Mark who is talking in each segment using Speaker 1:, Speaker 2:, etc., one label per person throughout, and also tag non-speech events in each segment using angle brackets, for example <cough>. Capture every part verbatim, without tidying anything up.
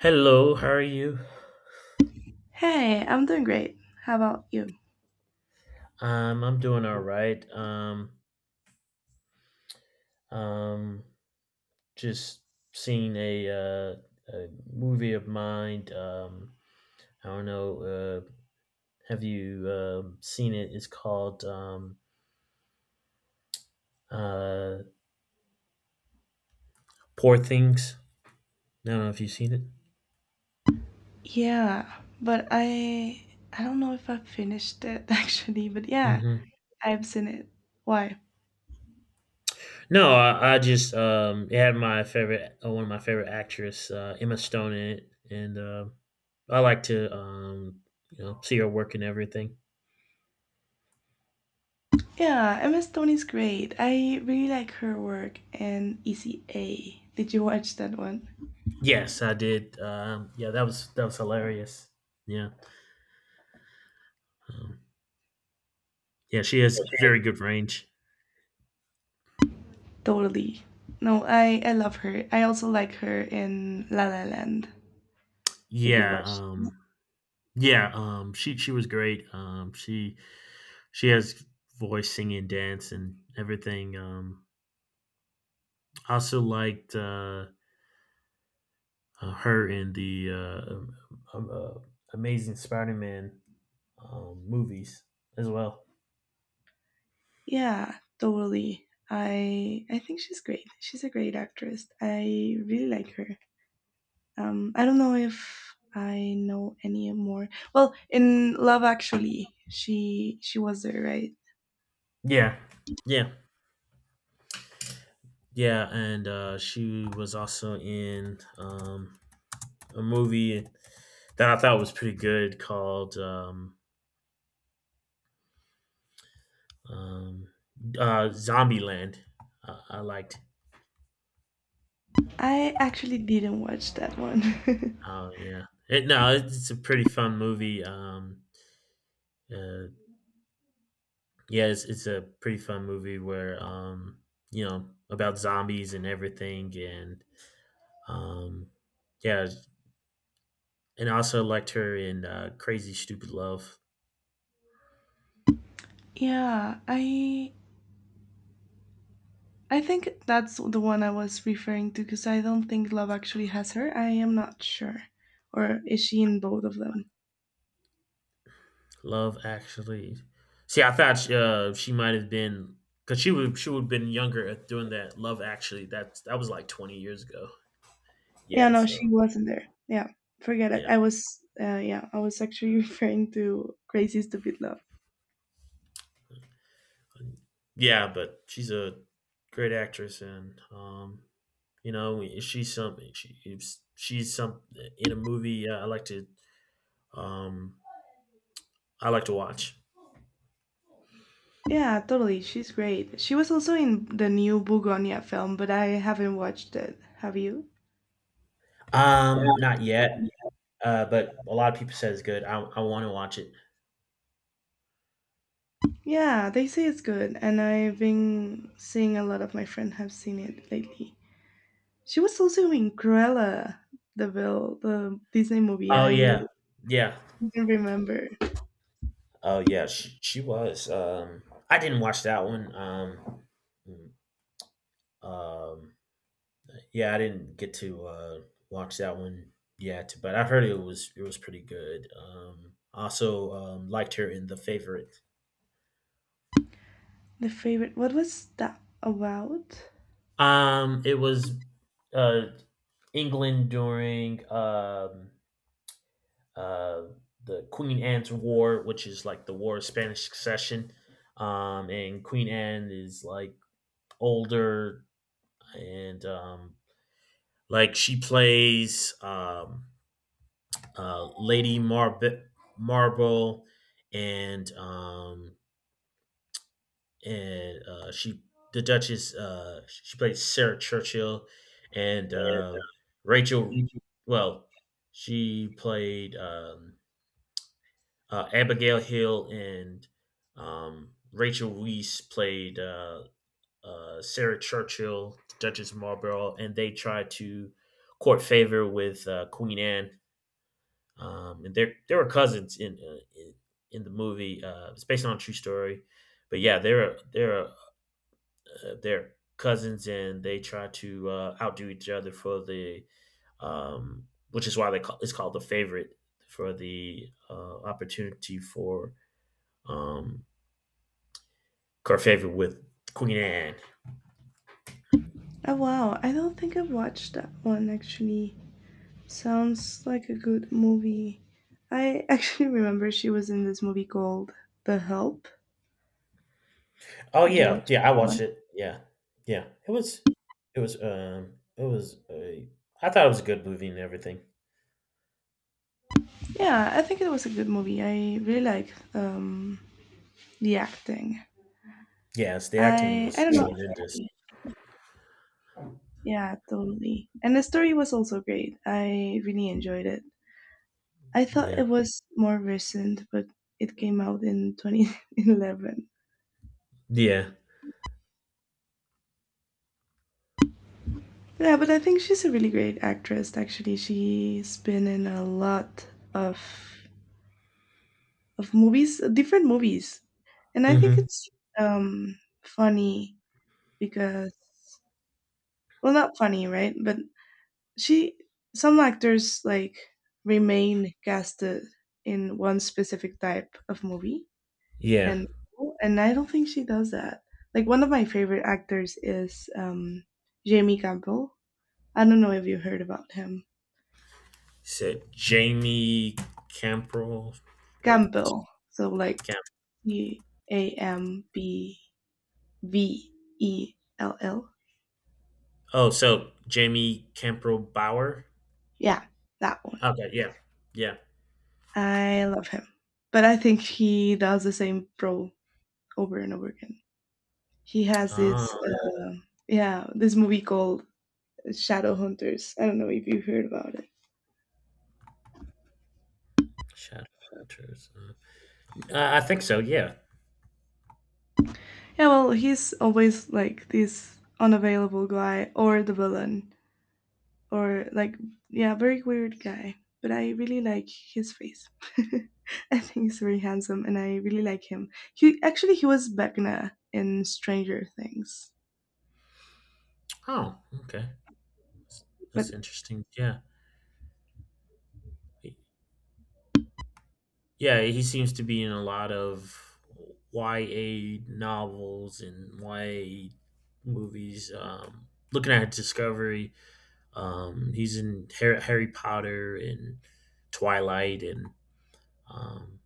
Speaker 1: Hello, how are you?
Speaker 2: Hey, I'm doing great. How about you?
Speaker 1: Um, I'm doing all right. Um, um, just seen a uh, a movie of mine. Um, I don't know. Uh, have you um seen it? It's called um, uh, Poor Things. I don't know if you've seen it.
Speaker 2: Yeah, but I I don't know if I finished it <laughs> actually, but yeah,
Speaker 1: hmm
Speaker 2: I've seen it. Why?
Speaker 1: No, I, I just um, it had my favorite, uh, one of my favorite actress, uh, Emma Stone, in it, and uh, I like to um, you know see her work and everything.
Speaker 2: Yeah, M S Stone is great. I really like her work and E C A. Did you watch that one?
Speaker 1: Yes, I did. Um, yeah, that was that was hilarious. Yeah, um, yeah, she has very good range.
Speaker 2: Totally. No, I I love her. I also like her in La La Land. Did you
Speaker 1: Yeah,
Speaker 2: watch that?
Speaker 1: um, yeah, um, she she was great. Um, she she has voice, singing, dance, and everything. Um, I also liked uh, uh, her in the uh, um, um, uh, Amazing Spider-Man um, movies as well.
Speaker 2: Yeah, totally. I I think she's great. She's a great actress. I really like her. um, I don't know if I know any more. Well, in Love Actually, she she was there, right?
Speaker 1: Yeah, yeah, yeah, and uh, she was also in um, a movie that I thought was pretty good called um, um, uh, Zombieland. Uh, I liked.
Speaker 2: I actually didn't watch that one. <laughs>
Speaker 1: Oh yeah, it, no, it's a pretty fun movie. Um, uh, yeah, it's, it's a pretty fun movie where um, you know about zombies and everything, and um, yeah, and I also liked her in uh, Crazy Stupid Love.
Speaker 2: Yeah, I I think that's the one I was referring to because I don't think Love Actually has her. I am not sure, or is she in both of them?
Speaker 1: Love Actually. See, I thought uh, she might have been because she would she would have been younger at doing that. Love Actually, that that was like twenty years ago.
Speaker 2: Yeah,
Speaker 1: Yeah,
Speaker 2: no,
Speaker 1: so
Speaker 2: she wasn't there. Yeah, forget it.
Speaker 1: yeah,
Speaker 2: I was uh, yeah, I was actually <laughs> referring to Crazy Stupid Love.
Speaker 1: yeah, but she's a great actress, and um, you know she's something. She if she's some in a movie uh, I like to um I like to watch.
Speaker 2: Yeah, totally. She's great. She was also in the new Bugonia film, but I haven't watched it. Have you?
Speaker 1: Um, not yet. Uh, but a lot of people said it's good. I I want to watch it.
Speaker 2: Yeah, they say it's good, and I've been seeing a lot of my friends have seen it lately. She was also in Cruella, the Vil, the Disney movie.
Speaker 1: Oh
Speaker 2: I
Speaker 1: yeah, yeah.
Speaker 2: don't remember
Speaker 1: Oh yeah, she she was. Um, I didn't watch that one. Um, mm, um, yeah, I didn't get to uh, watch that one yet, but I heard it was it was pretty good. Um, also um, liked her in The Favorite.
Speaker 2: the favorite. What was that about?
Speaker 1: Um, it was uh, England during um, uh, the Queen Anne's War, which is like the War of Spanish Succession. Um, and Queen Anne is like older, and um, like she plays um, uh, Lady Marb- Marble, and um, and uh, she the Duchess. Uh, she plays Sarah Churchill, and uh, Rachel. Well, she played um, uh, Abigail Hill, and um, Rachel Weisz played uh, uh, Sarah Churchill, Duchess of Marlborough, and they tried to court favor with uh, Queen Anne. Um, and are they were cousins in uh, in, in the movie. Uh, it's based on a true story, but yeah, they're they're uh, they're cousins, and they try to uh, outdo each other for the um, which is why they call it's called the favorite for the uh, opportunity for um, her favor with Queen Anne.
Speaker 2: Oh wow, I don't think I've watched that one actually. Sounds like a good movie. I actually <laughs> remember she was in this movie called The Help.
Speaker 1: Oh
Speaker 2: Did you watch
Speaker 1: yeah, yeah, I
Speaker 2: that one?
Speaker 1: watched it. Yeah, yeah, it was it was um it was a, I thought it was a good movie and everything.
Speaker 2: Yeah, I think it was a good movie. I really like um, the acting.
Speaker 1: Yes, the acting
Speaker 2: I I
Speaker 1: was
Speaker 2: don't Yeah. know.
Speaker 1: tremendous.
Speaker 2: Yeah, totally. And the story was also great. I really enjoyed it. I thought
Speaker 1: Yeah.
Speaker 2: it was more recent, but it came out in <laughs> twenty eleven.
Speaker 1: Yeah.
Speaker 2: Yeah, but I think she's a really great actress. Actually, she's been in a lot of of movies, uh, different movies. And I think
Speaker 1: hmm
Speaker 2: it's um, funny because, well, not funny, right? But she, some actors like remain casted in one specific type of movie,
Speaker 1: Yeah.
Speaker 2: and and I don't think she does that. Like one of my favorite actors is um, Jamie Campbell. I don't know if you heard about him.
Speaker 1: Said Jamie Camprell, like
Speaker 2: Campbell. So like
Speaker 1: Camp.
Speaker 2: C A M B V E L L.
Speaker 1: Oh, so Jamie Camprell Bauer.
Speaker 2: Yeah, that one.
Speaker 1: Okay. Yeah. Yeah.
Speaker 2: I love him. But I think he does the same role over and over again. He has
Speaker 1: Oh,
Speaker 2: this, uh, yeah, this movie called Shadow Hunters. I don't know if you heard about it.
Speaker 1: Shadowhunters. Uh, I I think so. Yeah.
Speaker 2: Yeah, well, he's always like this unavailable guy or the villain or like, yeah, very weird guy. But I really like his face. <laughs> I think he's very handsome and I really like him. He actually he was Vecna in Stranger Things,
Speaker 1: Oh, okay. That's
Speaker 2: but
Speaker 1: that's interesting. Yeah. Yeah. He seems to be in a lot of Y A novels and Y A movies. Um, looking at Discovery. Um, he's in Harry, Harry Potter and Twilight and um,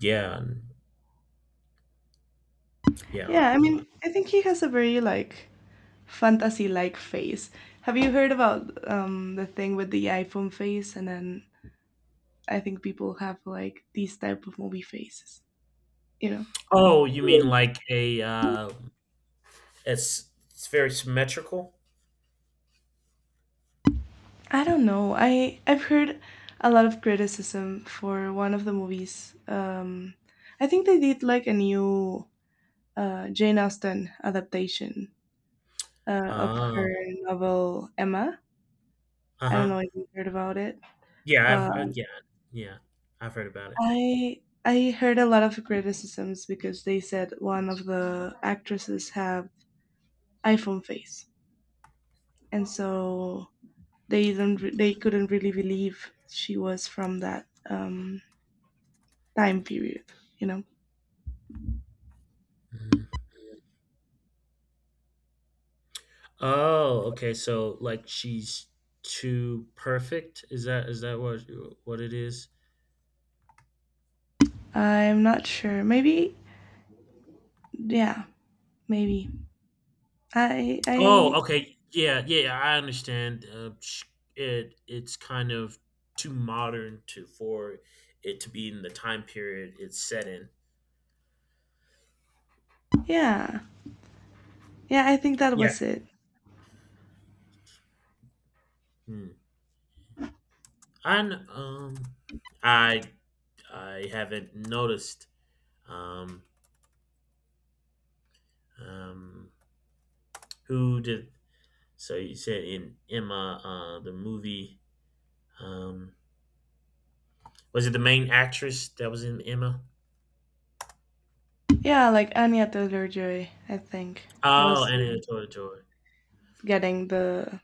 Speaker 1: yeah, and, yeah,
Speaker 2: yeah, I
Speaker 1: and a
Speaker 2: mean,
Speaker 1: lot.
Speaker 2: I think he has a very like fantasy-like face. Have you heard about um the thing with the iPhone face? And then I think people have like these type of movie faces, you know?
Speaker 1: Oh, you mean like a uh, it's it's very symmetrical.
Speaker 2: I don't know. I I've heard a lot of criticism for one of the movies. Um I think they did like a new uh Jane Austen adaptation uh, of her
Speaker 1: Oh,
Speaker 2: novel Emma.
Speaker 1: uh
Speaker 2: I don't know
Speaker 1: huh.
Speaker 2: if you heard about it,
Speaker 1: Yeah,
Speaker 2: but
Speaker 1: I've uh, yeah, yeah, I've heard about it.
Speaker 2: I I heard a lot of criticisms because they said one of the actresses have iPhone face, and so they didn't re- they couldn't really believe she was from that um, time period. You know,
Speaker 1: Mhm. Oh, okay. So like she's too perfect. Is that is that what what it is?
Speaker 2: I'm not sure. Maybe yeah, maybe I
Speaker 1: Oh,
Speaker 2: I
Speaker 1: okay. Yeah, yeah, yeah, I understand. Uh, sh- it it's kind of too modern to for it to be in the time period it's set in.
Speaker 2: yeah yeah I think that
Speaker 1: Yeah.
Speaker 2: was it.
Speaker 1: Hmm. And um, I I haven't noticed. Um, um, who did? So you said in Emma, uh, the movie. Um, was it the main actress that was in Emma?
Speaker 2: Yeah, like Anya Taylor Joy, I think
Speaker 1: Oh,
Speaker 2: was
Speaker 1: Anna Tortora.
Speaker 2: getting the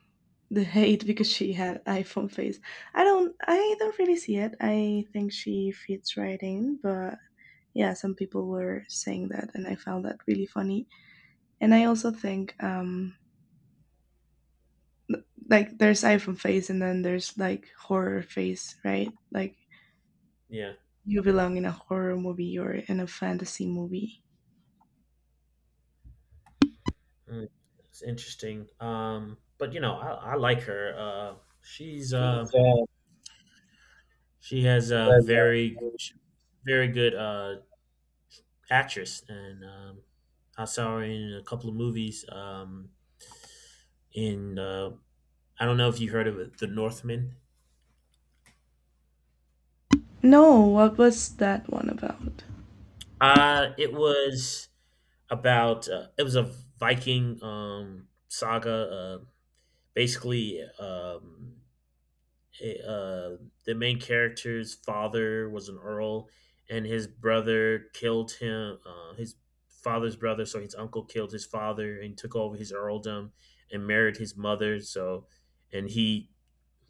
Speaker 2: the hate because she had iPhone face. I don't I don't really see it. I think she fits right in, but yeah, some people were saying that and I found that really funny. And I also think um like there's iPhone face and then there's like horror face, right? Like
Speaker 1: Yeah.
Speaker 2: you belong in a horror movie or in a fantasy movie.
Speaker 1: Mm, It's interesting. Um, but you know, I, I like her. Uh, she's uh, she has a very sh- very good uh, actress, and um, I saw her in a couple of movies. Um, in uh, I don't know if you heard of it, The Northman.
Speaker 2: No, what was that one about?
Speaker 1: Uh, it was about uh, it was a Viking um, saga. Uh, basically, um, a, uh, the main character's father was an earl, and his brother killed him. Uh, his father's brother, so his uncle killed his father and took over his earldom and married his mother. So, and he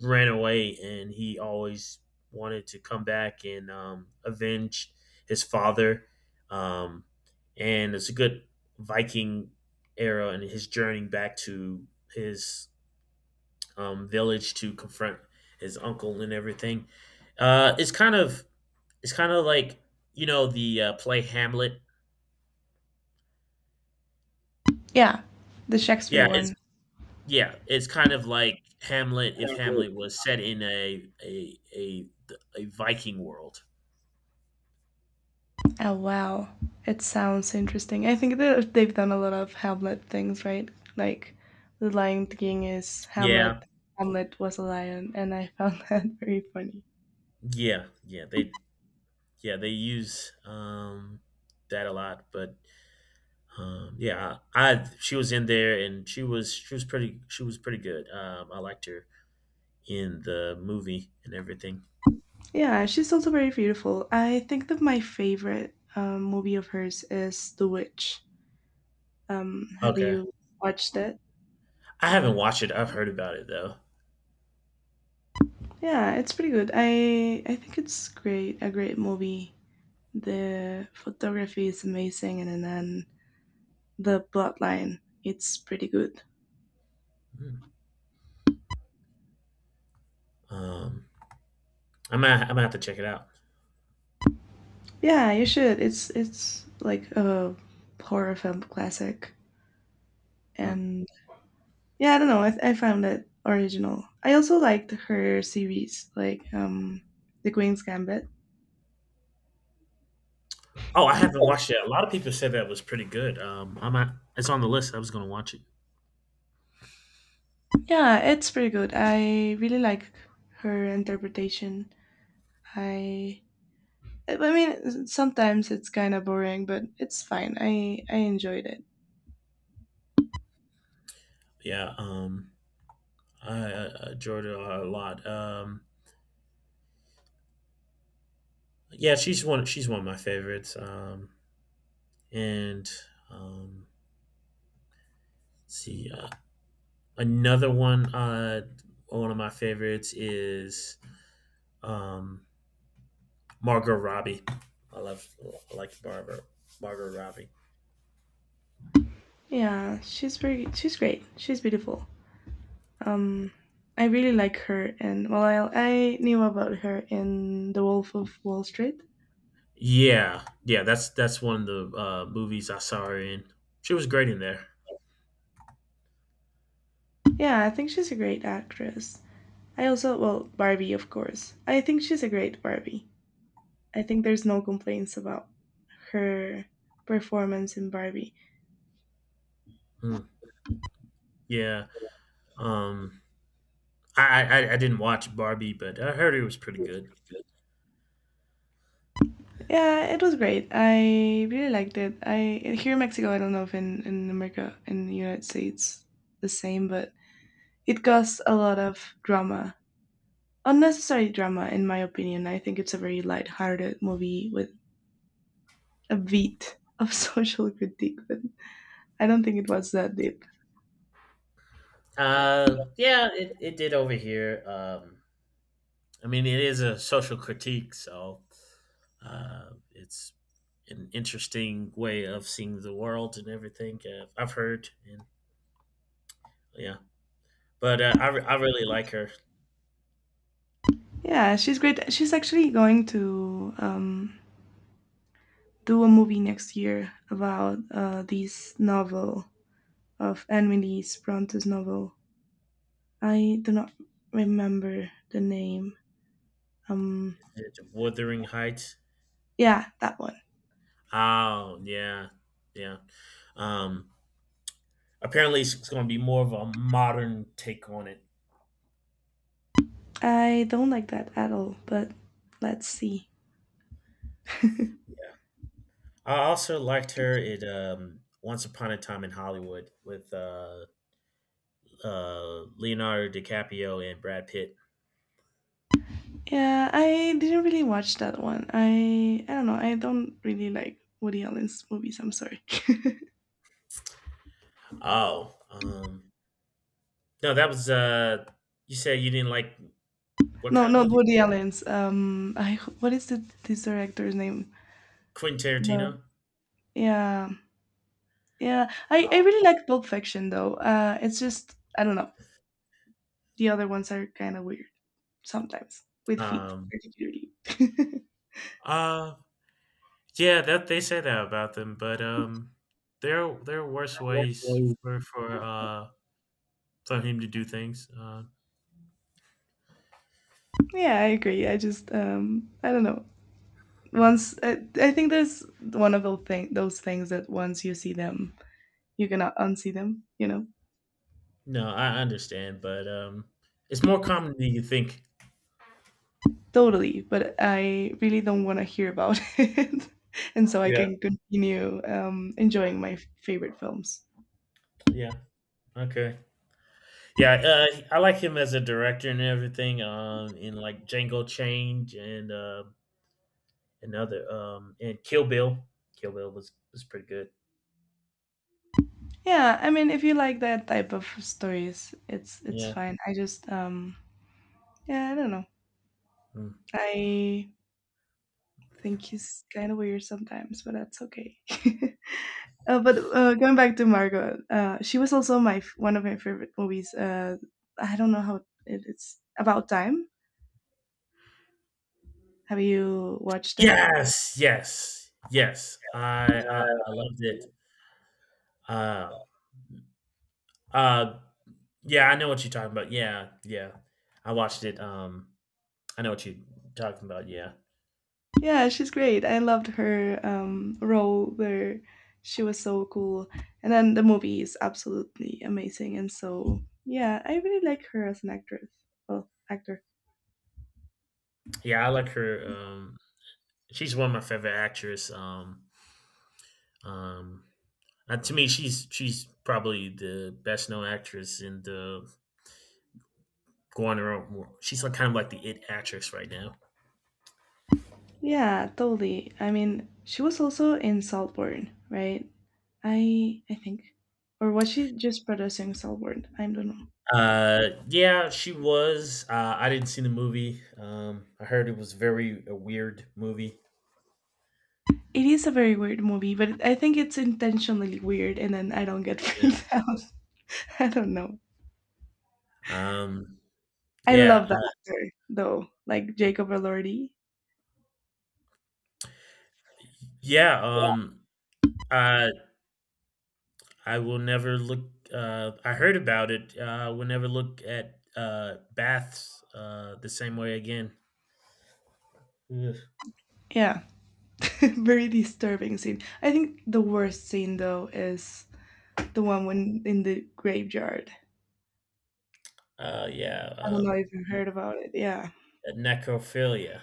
Speaker 1: ran away, and he always wanted to come back and um, avenge his father. Um, and it's a good Viking era and his journey back to his um, village to confront his uncle and everything. Uh, it's kind of it's kind of like you know the uh, play Hamlet.
Speaker 2: Yeah, the Shakespeare
Speaker 1: Yeah, it's
Speaker 2: one.
Speaker 1: yeah, it's kind of like Hamlet if Hamlet was set in a a a, a Viking world.
Speaker 2: Oh wow, it sounds interesting. I think that they've done a lot of Hamlet things, right? Like the Lion King is
Speaker 1: Yeah,
Speaker 2: Hamlet. Hamlet was a lion, and I found <laughs> that very funny.
Speaker 1: yeah, yeah. They yeah they use um, that a lot, but um, yeah, I, I she was in there and she was she was pretty she was pretty good. Um, I liked her in the movie and everything.
Speaker 2: Yeah, she's also very beautiful. I think that my favorite um, movie of hers is The Witch. Um, have
Speaker 1: Okay.
Speaker 2: you watched it?
Speaker 1: I haven't watched it. I've heard about it though.
Speaker 2: Yeah, it's pretty good. I I think it's great, a great movie. The photography is amazing, and then the plot line, it's pretty good.
Speaker 1: Mm. Um, I might I might have to check it out.
Speaker 2: Yeah, you should. It's it's like a horror film classic,
Speaker 1: Mm.
Speaker 2: and yeah, I don't know. I, I found it original. I also liked her series, like um, The Queen's Gambit.
Speaker 1: Oh, I haven't watched it. A lot of people said that was pretty good. Um, I might. It's on the list. I was gonna watch it.
Speaker 2: Yeah, it's pretty good. I really like her interpretation. I I mean, sometimes it's kind of boring, but it's fine. I I enjoyed it.
Speaker 1: Yeah. Um, I, I I enjoyed it a lot. Um, yeah, she's one. She's one of my favorites. Um, and um, let's see, uh, another one. Uh, one of my favorites is um Margot Robbie. I love I like Barbara. Margot Robbie.
Speaker 2: Yeah, she's pretty. She's great. She's beautiful. Um, I really like her, and well, I I knew about her in The Wolf of Wall Street.
Speaker 1: Yeah, yeah, that's that's one of the uh, movies I saw her in. She was great in there.
Speaker 2: Yeah, I think she's a great actress. I also well Barbie, of course. I think she's a great Barbie. I think there's no complaints about her performance in Barbie.
Speaker 1: Mm, yeah, um, I, I I I didn't watch Barbie, but I heard it was pretty good.
Speaker 2: Yeah, it was great. I really liked it. I here in Mexico, I don't know if in in America in the United States the same, but it caused a lot of drama unnecessary drama, in my opinion. I think it's a very light-hearted movie with a beat of <laughs> social critique, but I don't think it was that deep.
Speaker 1: Uh, yeah, it, it did over here. Um, I mean, it is a social critique, so uh, it's an interesting way of seeing the world and everything. Uh, I've heard, and yeah, but uh, I re- I really like her.
Speaker 2: Yeah, she's great. She's actually going to um, do a movie next year about uh, this novel of Emily Bronte's novel. I do not remember the name. Um,
Speaker 1: Is it Wuthering Heights?
Speaker 2: yeah, that one.
Speaker 1: Oh yeah, yeah. Um, Apparently, it's going to be more of a modern take on it.
Speaker 2: I don't like that at all, but let's see. <laughs>
Speaker 1: Yeah, I also liked her in um, Once Upon a Time in Hollywood with uh, uh, Leonardo DiCaprio and Brad Pitt.
Speaker 2: Yeah, I didn't really watch that one. I I don't know. I don't really like Woody Allen's movies. I'm sorry.
Speaker 1: Oh, um, no, that was uh, you said you didn't like
Speaker 2: <laughs>
Speaker 1: what
Speaker 2: No,
Speaker 1: kind of
Speaker 2: not
Speaker 1: movie?
Speaker 2: Woody Allen's. Um, I what is the this director's name?
Speaker 1: Quentin
Speaker 2: No.
Speaker 1: Tarantino.
Speaker 2: Yeah, yeah. I I
Speaker 1: Oh,
Speaker 2: really like Pulp Fiction though. Uh, it's just I don't know. The other ones are kind of weird sometimes with feet
Speaker 1: um,
Speaker 2: particularly.
Speaker 1: uh, yeah, that they say that about them, but um, there there are worse ways
Speaker 2: <laughs>
Speaker 1: for for uh for him to do things. Uh,
Speaker 2: Yeah, I agree. I just um I don't know. Once I, I think there's one of those thing those things that once you see them you cannot unsee them, you know?
Speaker 1: No, I understand, but, um, it's more common than you think.
Speaker 2: Totally, but I really don't want to hear about <laughs> it. And so I
Speaker 1: Yeah.
Speaker 2: can continue um, enjoying my f- favorite films.
Speaker 1: Yeah. Okay. Yeah, uh, I like him as a director and everything, um, in, like, Django Change and, uh, and um and Kill Bill. Kill Bill was was pretty good.
Speaker 2: Yeah, I mean, if you like that type of stories, it's it's
Speaker 1: Yeah.
Speaker 2: fine. I just um yeah, I don't know.
Speaker 1: Mm.
Speaker 2: I think he's kind of weird sometimes, but that's okay. <laughs> Uh, but uh, going back to Margot, uh, she was also my f- one of my favorite movies. Uh, I don't know how it, it's about time. Have you watched it?
Speaker 1: Yes! Yes! Yes. I I I loved it. Uh uh, yeah, I know what you're talking about. Yeah, yeah. I watched it, um, I know what you're talking about, yeah.
Speaker 2: Yeah, she's great. I loved her um, role where she was so cool. And then the movie is absolutely amazing. And so, yeah, I really like her as an actress. Well, actor.
Speaker 1: Yeah, I like her, um she's one of my favorite actresses. Um, um, uh, to me, she's she's probably the best known actress in the going around world. She's like kind of like the it actress right now.
Speaker 2: Yeah, totally. I mean, she was also in Saltburn, right? I I think. Or was she just producing Saltburn? I don't know.
Speaker 1: Uh, yeah, she was. Uh, I didn't see the movie. Um, I heard it was very a weird movie.
Speaker 2: It is a very weird movie, but I think it's intentionally weird and then I don't get <laughs> freaked
Speaker 1: Yeah.
Speaker 2: out. I don't know.
Speaker 1: Um,
Speaker 2: I
Speaker 1: yeah,
Speaker 2: love that
Speaker 1: uh,
Speaker 2: actor though, like Jacob Elordi.
Speaker 1: yeah. Um, I I will never look. Uh, I heard about it. Uh, I will never look at uh baths uh the same way again. Ugh.
Speaker 2: Yeah, <laughs> very disturbing scene. I think the worst scene though is the one when in the graveyard.
Speaker 1: Uh, yeah,
Speaker 2: I don't know
Speaker 1: um,
Speaker 2: if you heard about it. Yeah,
Speaker 1: necrophilia.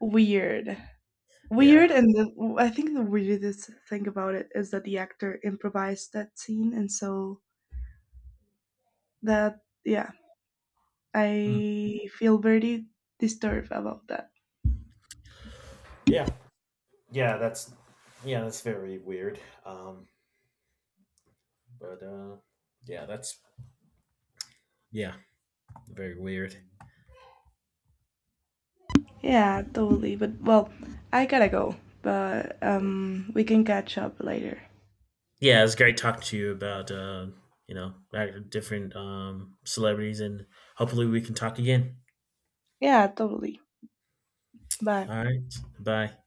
Speaker 2: weird, weird,
Speaker 1: Yeah.
Speaker 2: and the, I think the weirdest thing about it is that the actor improvised that scene, and so that yeah,
Speaker 1: Hmm.
Speaker 2: I feel very disturbed about that.
Speaker 1: Yeah, yeah, that's yeah, that's very weird. Um, but uh, yeah, that's Yeah, very weird.
Speaker 2: Yeah, totally. But well, I gotta go. But um, we can catch up later.
Speaker 1: Yeah, it's great talking to you about uh, you know like different um, celebrities, and hopefully we can talk again.
Speaker 2: Yeah, totally. Bye.
Speaker 1: All right, bye.